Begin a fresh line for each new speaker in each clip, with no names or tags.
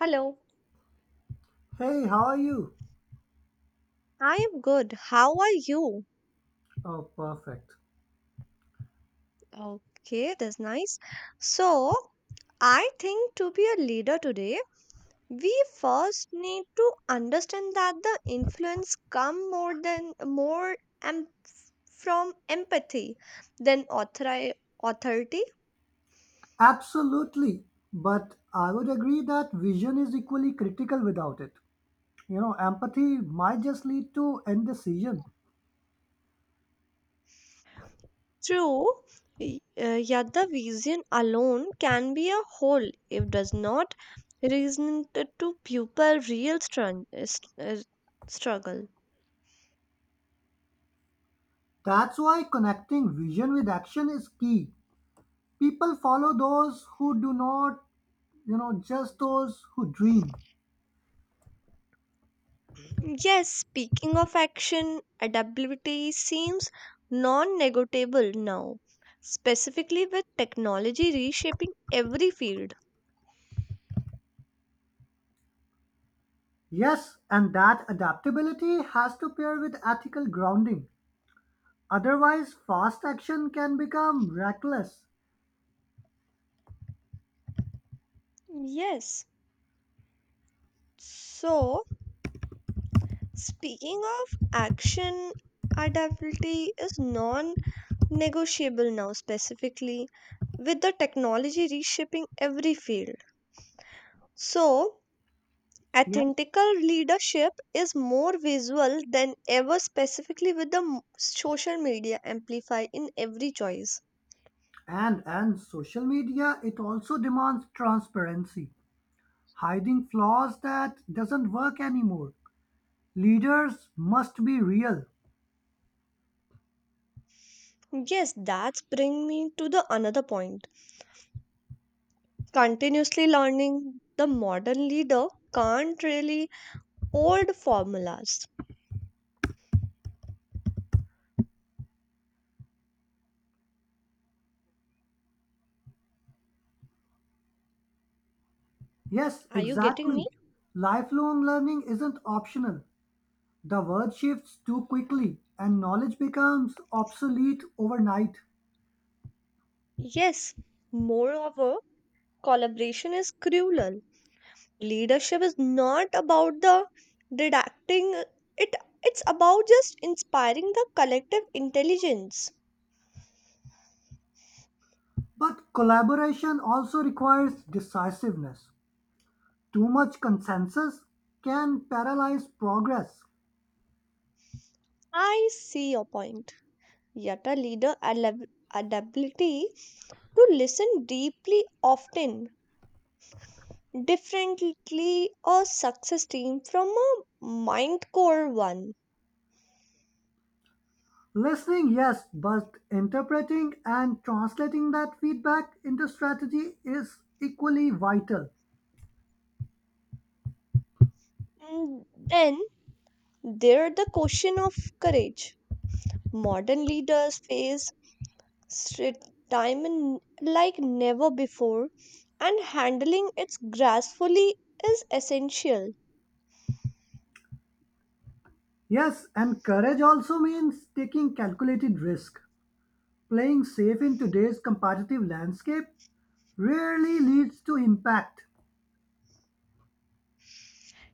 Hello,
Hey, how are you?
I am good. How are you?
Oh, perfect.
Okay, that's nice. So, I think to be a leader today, we first need to understand that the influence come more than more em- from empathy than authority.
Absolutely, but I would agree that vision is equally critical without it. Empathy might just lead to indecision.
True, yet the vision alone can be a whole if does not reason to people real uh, struggle.
That's why connecting vision with action is key. People follow those who do not, just those who dream.
Yes, speaking of action, adaptability seems non negotiable now, specifically with technology reshaping every field.
Yes, and that adaptability has to pair with ethical grounding. Otherwise, fast action can become reckless.
Yes, so speaking of action, adaptability is non negotiable now, specifically with the technology reshaping every field. So,
Yeah.
Authentical leadership is more visual than ever, specifically with the social media amplify in every choice.
And social media it also demands transparency. Hiding flaws that doesn't work anymore. Leaders must be real.
Yes, that's bring me to the another point. Continuously learning, the modern leader can't really old formulas.
Yes,
Are you getting me?
exactly. Lifelong learning isn't optional. The world shifts too quickly and knowledge becomes obsolete overnight.
Yes. Moreover, collaboration is crucial. Leadership is not about the deducting it it's about just inspiring the collective intelligence.
But collaboration also requires decisiveness. Too much consensus can paralyze progress.
I see your point. Yet a leader adaptability to listen deeply often differently a success team from a mind core one.
Listening, yes, but interpreting and translating that feedback into strategy is equally vital.
Then there the question of courage. Modern leaders face strict time in- like never before and handling it gracefully is essential.
Yes, and courage also means taking calculated risk. Playing safe in today's competitive landscape rarely leads to impact.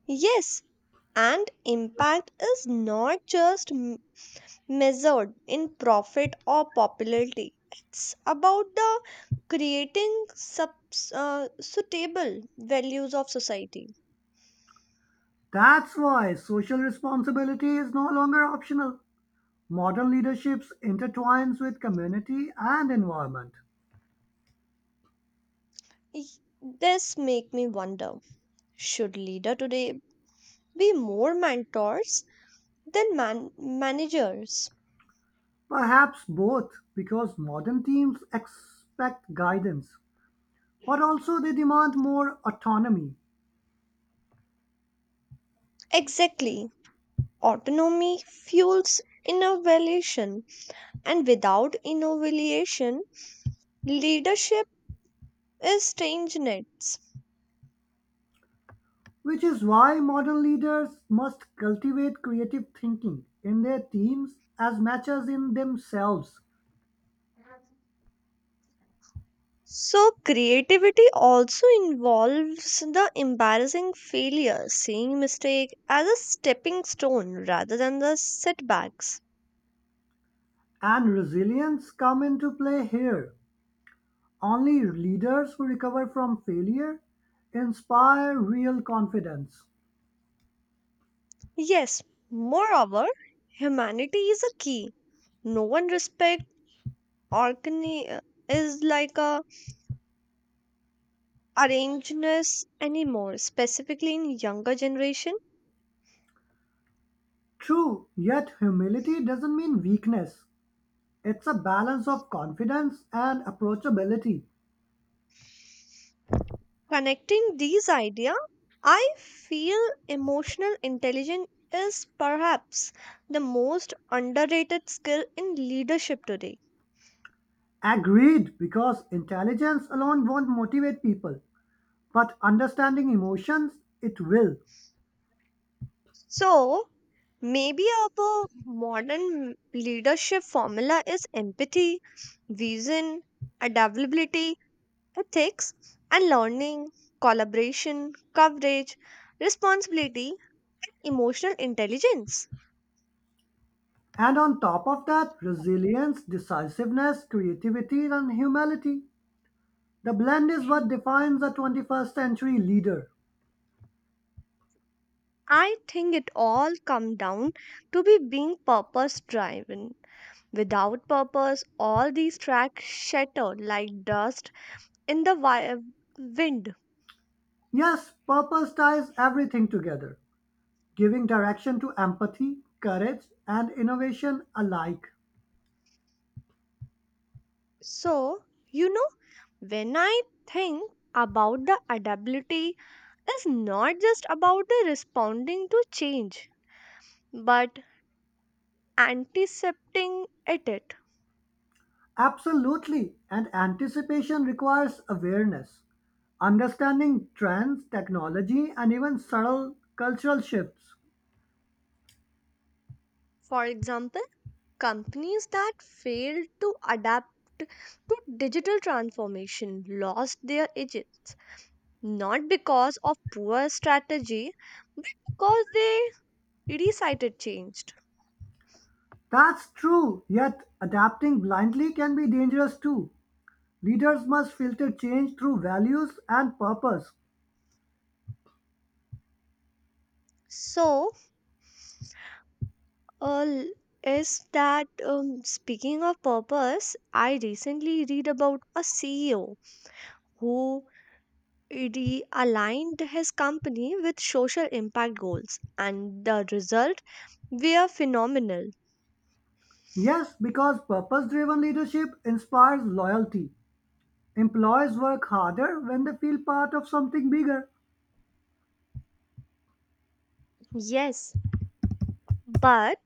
Yes, and impact is not just measured in profit or popularity. It's about the creating suitable values of society.
That's why social responsibility is no longer optional. Modern leaderships intertwines with community and environment.
Y- This make me wonder: should leader today be more mentors than managers?
Perhaps both, because modern teams expect guidance, but also they demand more autonomy,
Exactly. Autonomy fuels innovation, and without innovation, leadership is stagnant.
which is why modern leaders must cultivate creative thinking in their teams as much as in themselves.
So, creativity also involves the embarrassing failure, seeing mistake as a stepping stone rather than the setbacks.
And resilience come into play here. Only leaders who recover from failure inspire real confidence.
Yes, moreover, humanity is a key. No one respect organi- uh, is like a arrangedness anymore, specifically in younger generation.
True, yet humility doesn't mean weakness. It's a balance of confidence and approachability.
Connecting these ideas, I feel emotional intelligence is perhaps the most underrated skill in leadership today.
Agreed, because intelligence alone won't motivate people. But understanding emotions, it will.
So, maybe our modern leadership formula is empathy, vision, adaptability, ethics, and learning, collaboration, coverage, responsibility, emotional intelligence.
And on top of that, resilience, decisiveness, creativity, and humility. The blend is what defines a 21st century leader.
I think it all come down to be being purpose driven. Without purpose, all these tracks shatter like dust in the wind.
Yes, purpose ties everything together, giving direction to empathy, courage, and innovation alike.
So, you know, when I think about the adaptability it's not just about the responding to change, but anticipating at it.
Absolutely, and anticipation requires awareness, understanding trends, technology, and even subtle cultural shifts.
For example, companies that failed to adapt to digital transformation lost their edge not because of poor strategy, but because they decided changed.
That's true, yet adapting blindly can be dangerous too. Leaders must filter change through values and purpose.
So, l- is that Speaking of purpose, I recently read about a CEO who realigned his company with social impact goals, and the result were phenomenal.
Yes, because purpose driven leadership inspires loyalty. Employees work harder when they feel part of something bigger.
Yes, but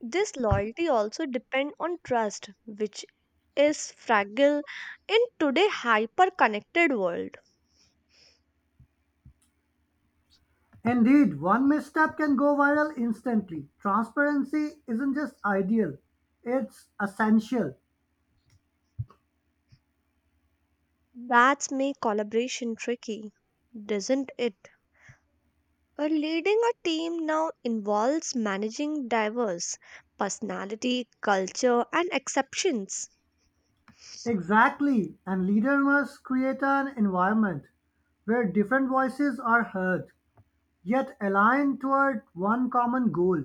this loyalty also depend on trust, which is fragile in today hyper connected world.
Indeed, one misstep can go viral instantly. Transparency isn't just ideal, it's essential.
That's make collaboration tricky, doesn't it? Leading a team now involves managing diverse personality, culture, and exceptions.
Exactly, and leaders must create an environment where different voices are heard yet aligned toward one common goal.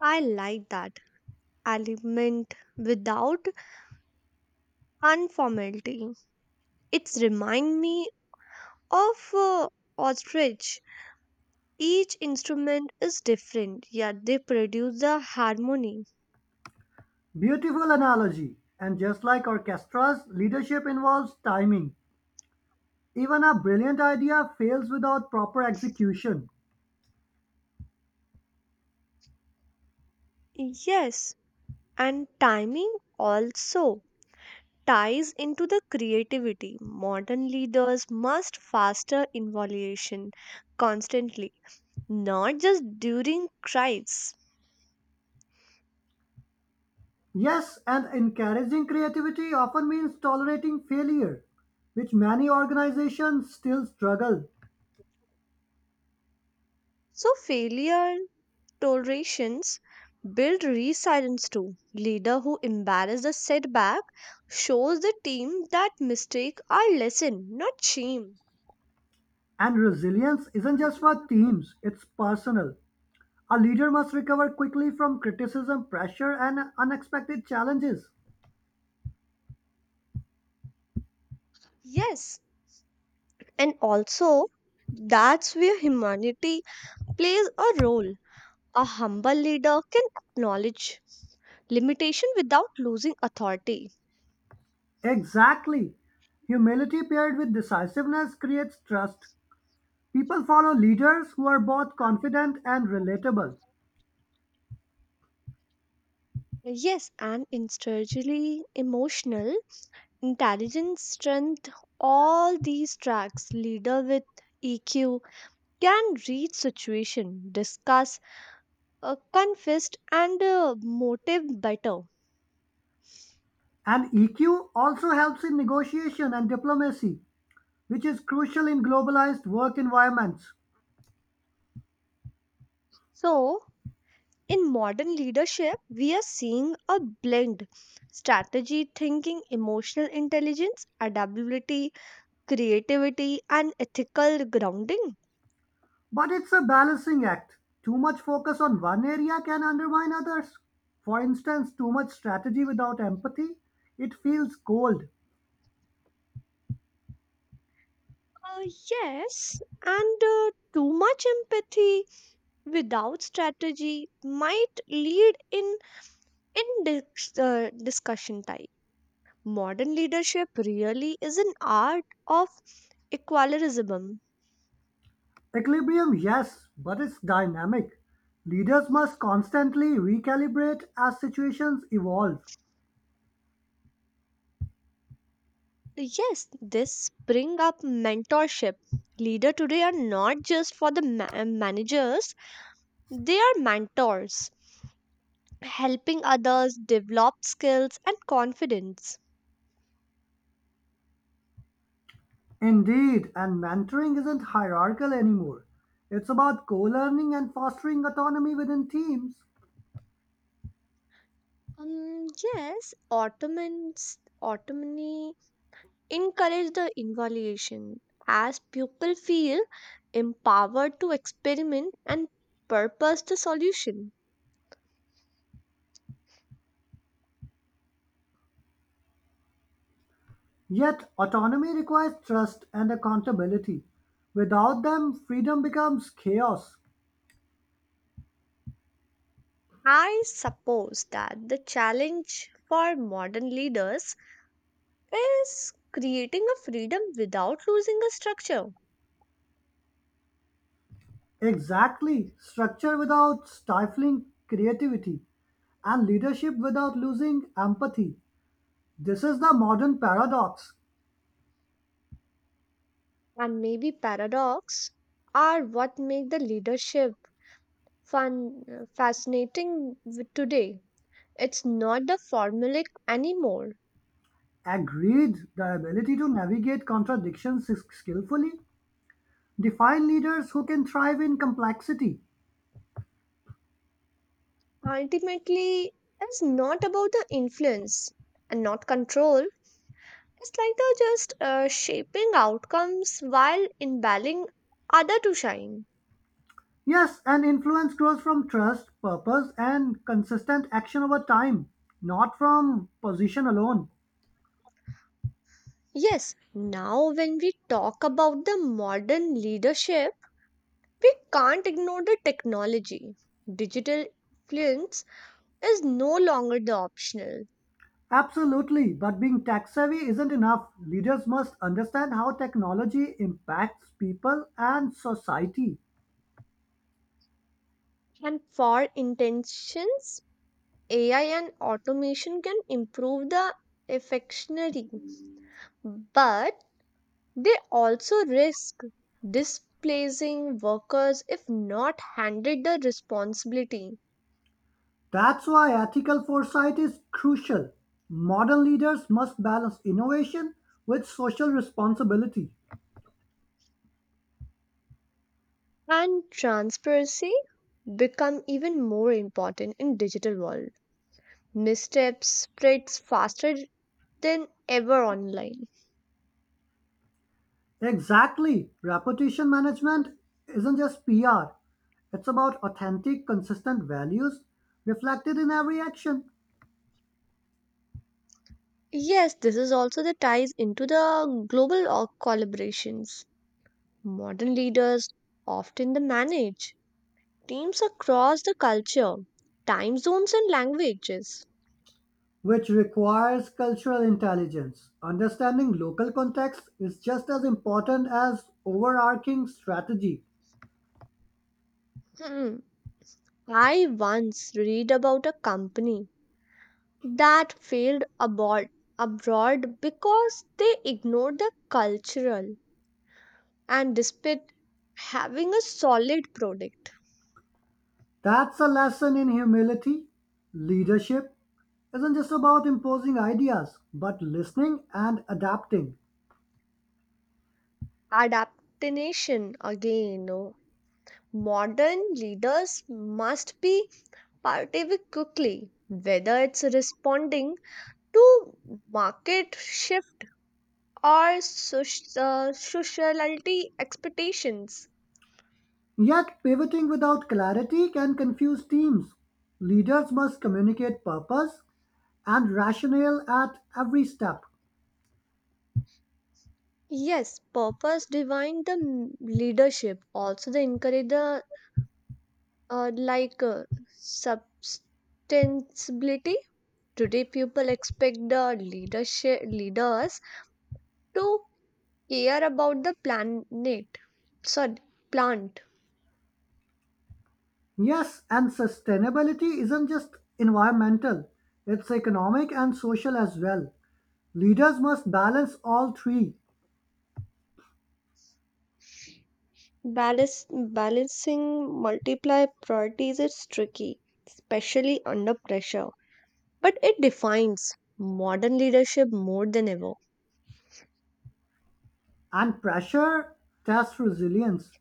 I like that element without unformality. It's remind me of ostrich. Each instrument is different, yet they produce the harmony.
Beautiful analogy, and just like orchestras, leadership involves timing. Even a brilliant idea fails without proper execution.
Yes, and timing also ties into the creativity. Modern leaders must foster evaluation constantly, not just during crises.
Yes, and encouraging creativity often means tolerating failure, which many organizations still struggle.
So, failure tolerations build resilience too. Leader who embraces the setback shows the team that mistakes are lesson, not shame.
And resilience isn't just for teams, it's personal. A leader must recover quickly from criticism, pressure, and unexpected challenges.
Yes, and also, that's where humanity plays a role. A humble leader can acknowledge limitation without losing authority.
Exactly. Humility paired with decisiveness creates trust. People follow leaders who are both confident and relatable.
Yes, and instinctively emotional intelligence, strength, all these tracks. Leader with EQ can read situation, discuss, confess, and motive better.
And EQ also helps in negotiation and diplomacy, which is crucial in globalized work environments.
So in modern leadership, we are seeing a blend strategy thinking, emotional intelligence, adaptability, creativity, and ethical grounding.
But it's a balancing act. Too much focus on one area can undermine others. For instance, too much strategy without empathy, it feels cold.
Uh, yes, and too much empathy without strategy might lead in discussion type. Modern leadership really is an art of equilibrium.
Equilibrium, yes, but it's dynamic. Leaders must constantly recalibrate as situations evolve.
Yes, this bring up mentorship. Leader today are not just for the managers, they are mentors, helping others develop skills and confidence.
Indeed, and mentoring isn't hierarchical anymore. It's about co learning and fostering autonomy within teams.
Um, yes, Ottomans, Ottomani encourage the evaluation as people feel empowered to experiment and purpose the solution.
Yet, autonomy requires trust and accountability. Without them, freedom becomes chaos.
I suppose that the challenge for modern leaders is creating a freedom without losing a structure.
Exactly, structure without stifling creativity, and leadership without losing empathy. This is the modern paradox.
And maybe paradox are what make the leadership fun fascinating with today it's not the formulaic anymore.
Agreed, the ability to navigate contradictions skillfully define leaders who can thrive in complexity.
Ultimately it's not about the influence and not control, it's like the just shaping outcomes while inviting other to shine.
Yes, and influence grows from trust, purpose, and consistent action over time, not from position alone.
Yes, now when we talk about the modern leadership we can't ignore the technology. Digital influence is no longer the optional.
Absolutely, but being tech savvy isn't enough. Leaders must understand how technology impacts people and society.
And for intentions, AI and automation can improve the effectionary, but they also risk displacing workers if not handed the responsibility.
That's why ethical foresight is crucial. Modern leaders must balance innovation with social responsibility.
And transparency become even more important in digital world. Missteps spreads faster than ever online.
Exactly. Reputation management isn't just PR, it's about authentic, consistent values reflected in every action,
Yes, this is also the ties into the global collaborations. Modern leaders often the manage teams across the culture, time zones and languages.
which requires cultural intelligence. Understanding local context is just as important as overarching strategy.
Hmm. I once read about a company that failed abroad because they ignored the cultural and despite having a solid product.
That's a lesson in humility. Leadership isn't just about imposing ideas, but listening and adapting.
Adaptation again no, modern leaders must be participating quickly, whether it's responding to market shift or sociality expectations.
Yet, pivoting without clarity can confuse teams. Leaders must communicate purpose and rationale at every step.
Yes, purpose divine the leadership. Also, they encourage the uh, like uh, substantibility. Today, people expect the leadership leaders to care about the planet. Sorry, plant.
Yes, and sustainability isn't just environmental, it's economic and social as well. Leaders must balance all three,
Balancing multiply priorities is tricky, especially under pressure, but it defines modern leadership more than ever.
and pressure tests resilience.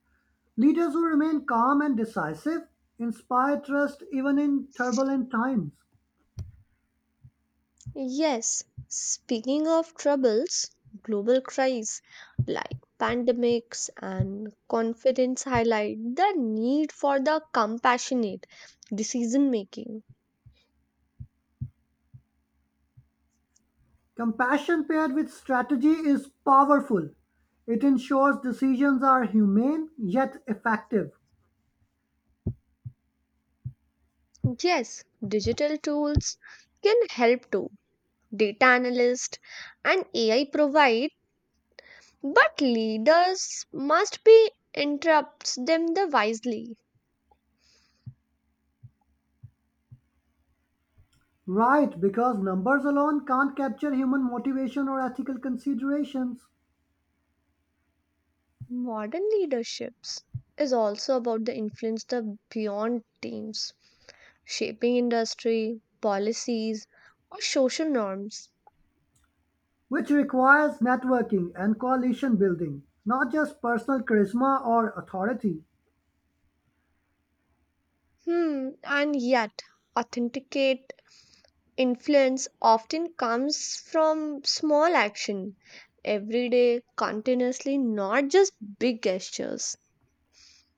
Leaders who remain calm and decisive inspire trust even in turbulent times.
Yes, speaking of troubles, global crises like pandemics and confidence highlight the need for the compassionate decision making.
Compassion paired with strategy is powerful. It ensures decisions are humane yet effective.
Yes, digital tools can help too. Data analyst and AI provide. But leaders must be interrupts them the wisely.
Right, because numbers alone can't capture human motivation or ethical considerations,
Modern leaderships is also about the influence the beyond teams, shaping industry, policies, or social norms.
which requires networking and coalition building, not just personal charisma or authority.
Hmm, and yet authenticate influence often comes from small action every day continuously not just big gestures.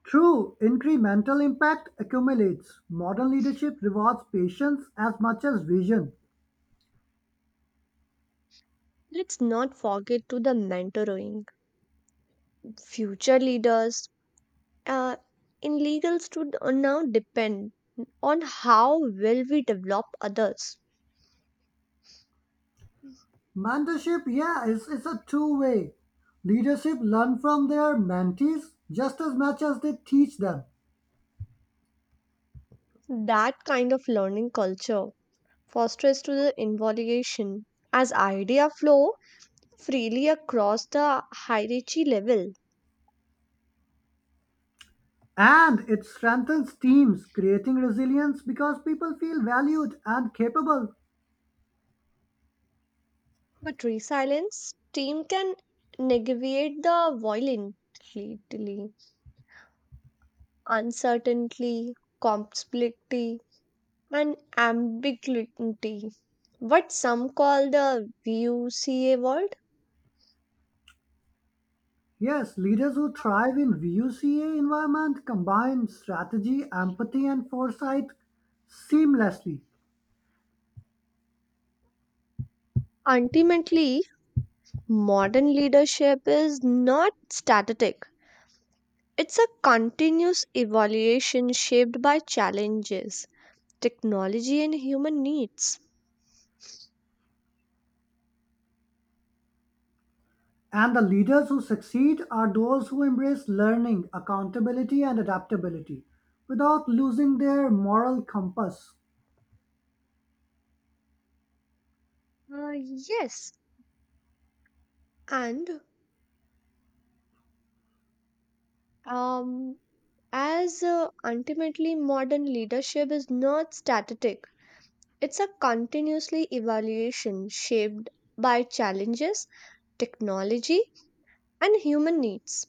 True incremental impact accumulates. Modern leadership rewards patience as much as vision.
Let's not forget to the mentoring future leaders, uh, in legals to now depend on how well we develop others.
Mentorship, yeah, it's a two way. Leadership learn from their mentees just as much as they teach them.
That kind of learning culture fosters to the involution as idea flow freely across the hierarchy level.
And it strengthens teams, creating resilience because people feel valued and capable.
But resilience team can navigate the violently, uncertainty, complexity, and ambiguity. What some call the VUCA world.
Yes, leaders who thrive in VUCA environment combine strategy, empathy, and foresight seamlessly.
Ultimately, modern leadership is not static. It's a continuous evaluation shaped by challenges, technology, and human needs.
And the leaders who succeed are those who embrace learning, accountability, and adaptability without losing their moral compass.
Uh, yes, and um, as ultimately modern leadership is not static, it's a continuously evaluation shaped by challenges, technology, and human needs.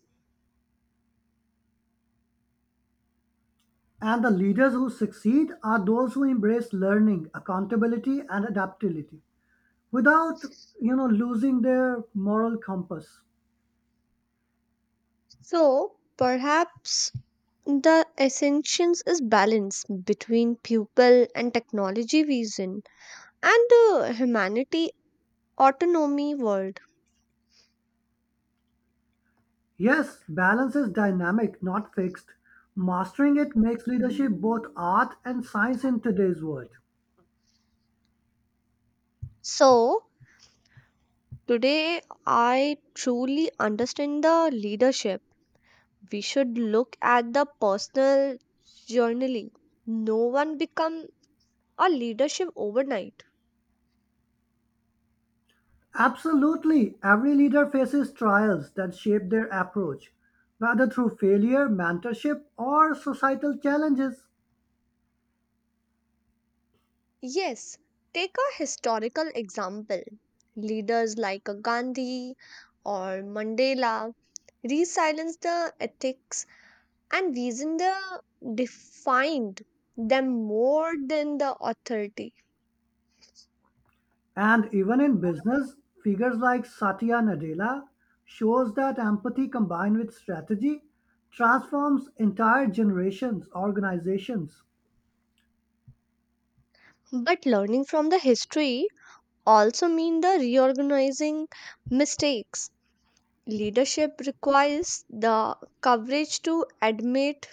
And the leaders who succeed are those who embrace learning, accountability, and adaptability without, losing their moral compass.
So perhaps the essentials is balance between pupil and technology vision and humanity autonomy world.
Yes, balance is dynamic, not fixed. Mastering it makes leadership both art and science in today's world.
So today I truly understand the leadership. We should look at the personal journey. No one become a leadership overnight.
Absolutely. Every leader faces trials that shape their approach, whether through failure, mentorship, or societal challenges.
Yes, take a historical example. Leaders like a Gandhi or Mandela resilenced the ethics and reason the defined them more than the authority.
And even in business, figures like Satya Nadella shows that empathy combined with strategy transforms entire generations, organizations.
But learning from the history also mean the reorganizing mistakes. Leadership requires the courage to admit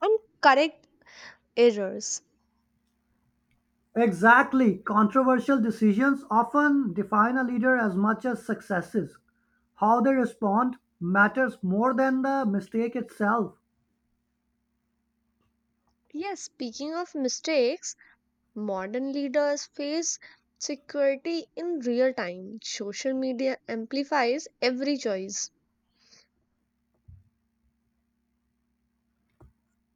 and correct errors.
Exactly. Controversial decisions often define a leader as much as successes. How they respond matters more than the mistake itself.
Yes, speaking of mistakes, modern leaders face security in real time. Social media amplifies every choice.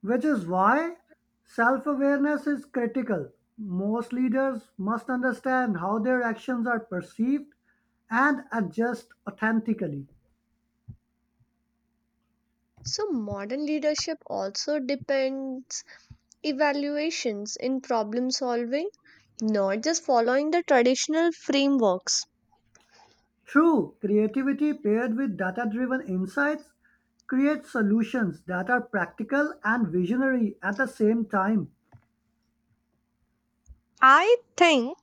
Which is why self awareness is critical. Most leaders must understand how their actions are perceived and adjust authentically.
So modern leadership also depends evaluations in problem solving, not just following the traditional frameworks.
True creativity paired with data driven insights creates solutions that are practical and visionary at the same time.
I think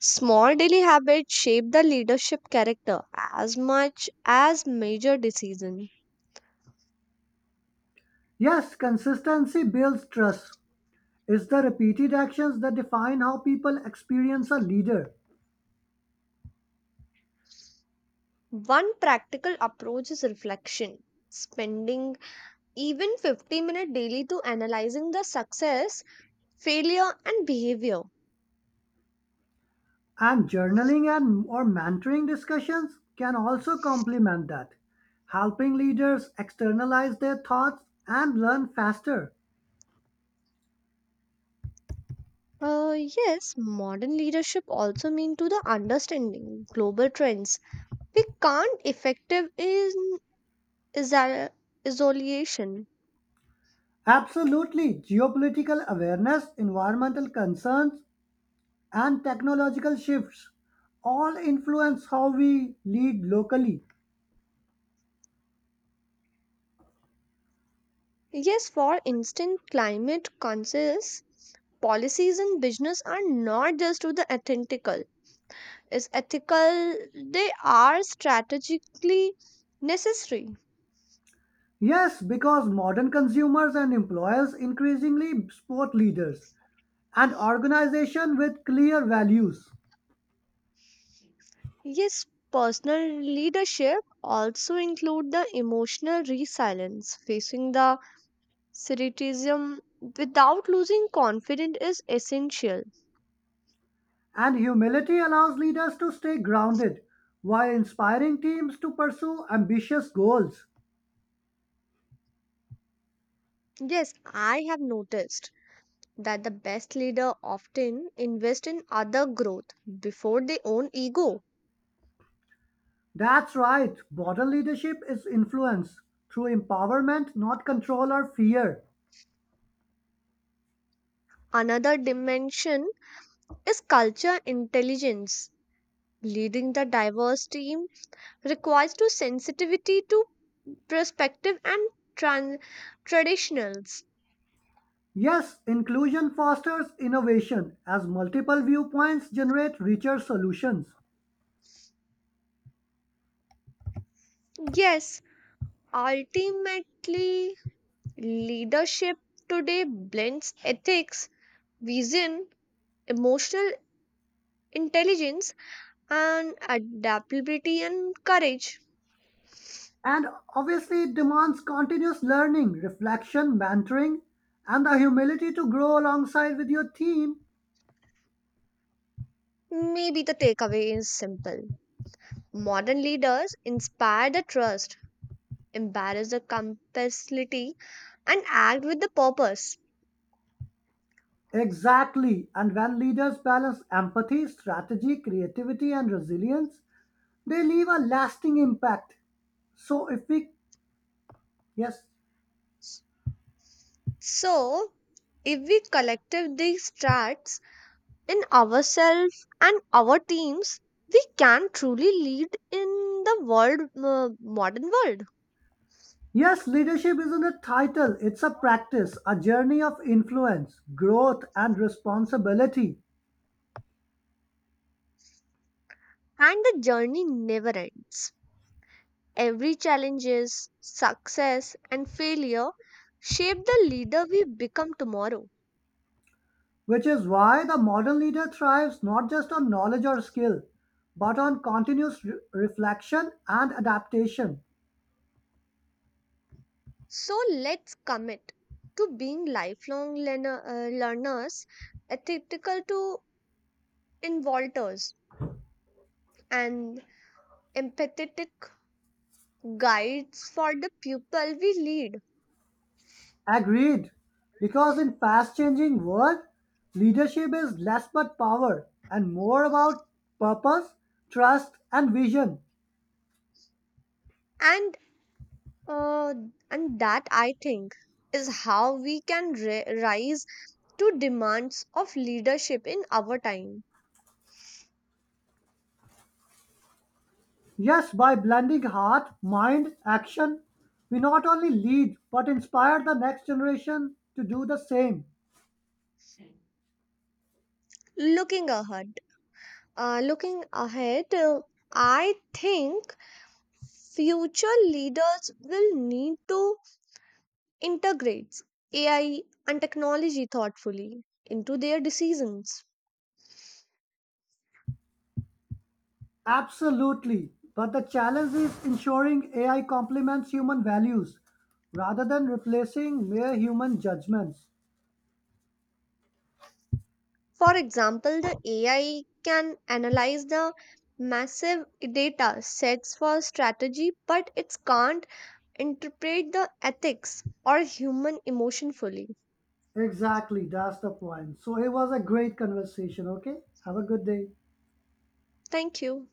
small daily habits shape the leadership character as much as major decisions.
Yes, consistency builds trust. It's the repeated actions that define how people experience a leader.
One practical approach is reflection. Spending even 50 minutes daily to analyzing the success, failure, and behavior.
And journaling and or mentoring discussions can also complement that, helping leaders externalize their thoughts and learn faster.
Yes, modern leadership also mean to the understanding global trends we can't effective in iso- isolation.
Absolutely, geopolitical awareness, environmental concerns, and technological shifts all influence how we lead locally.
Yes, for instance, climate conscious policies in business are not just to the ethical. Is ethical they are strategically necessary.
Yes, because modern consumers and employers increasingly support leaders and organizations with clear values.
Yes, personal leadership also include the emotional resilience. Facing the criticism without losing confidence is essential.
And humility allows leaders to stay grounded while inspiring teams to pursue ambitious goals.
Yes, I have noticed that the best leader often invest in other growth before their own ego.
That's right, modern leadership is influence through empowerment, not control or fear.
Another dimension is culture intelligence. Leading the diverse team requires to sensitivity to perspective and tran- traditionals.
Yes, inclusion fosters innovation as multiple viewpoints generate richer solutions.
Yes, ultimately, leadership today blends ethics, vision, emotional intelligence, and adaptability and courage.
And obviously, it demands continuous learning, reflection, mentoring, and the humility to grow alongside with your team.
Maybe the takeaway is simple. Modern leaders inspire the trust, embarrass the complicity, and act with the purpose.
Exactly. And when leaders balance empathy, strategy, creativity, and resilience, they leave a lasting impact. So, if we, yes,
So, if we collective these traits in ourselves and our teams, we can truly lead in the modern world.
yes, leadership isn't a title, it's a practice, a journey of influence, growth, and responsibility,
And the journey never ends. Every challenges, success, and failure shape the leader we become tomorrow.
which is why the modern leader thrives not just on knowledge or skill, but on continuous reflection and adaptation.
So let's commit to being learners, ethical to involters, and empathetic guides for the people we lead.
Agreed, because in fast-changing world, leadership is less about power and more about purpose, trust, and vision.
And uh, and that I think is how we can rise to demands of leadership in our time.
Yes, by blending heart, mind, action, we not only lead but inspire the next generation to do the same.
Looking ahead, Looking ahead, I think future leaders will need to integrates AI and technology thoughtfully into their decisions.
Absolutely. But the challenge is ensuring AI complements human values rather than replacing mere human judgments.
For example, the AI can analyze the massive data sets for strategy, but it can't interpret the ethics or human emotion fully.
Exactly, that's the point. So it was a great conversation, okay? Have a good day.
Thank you.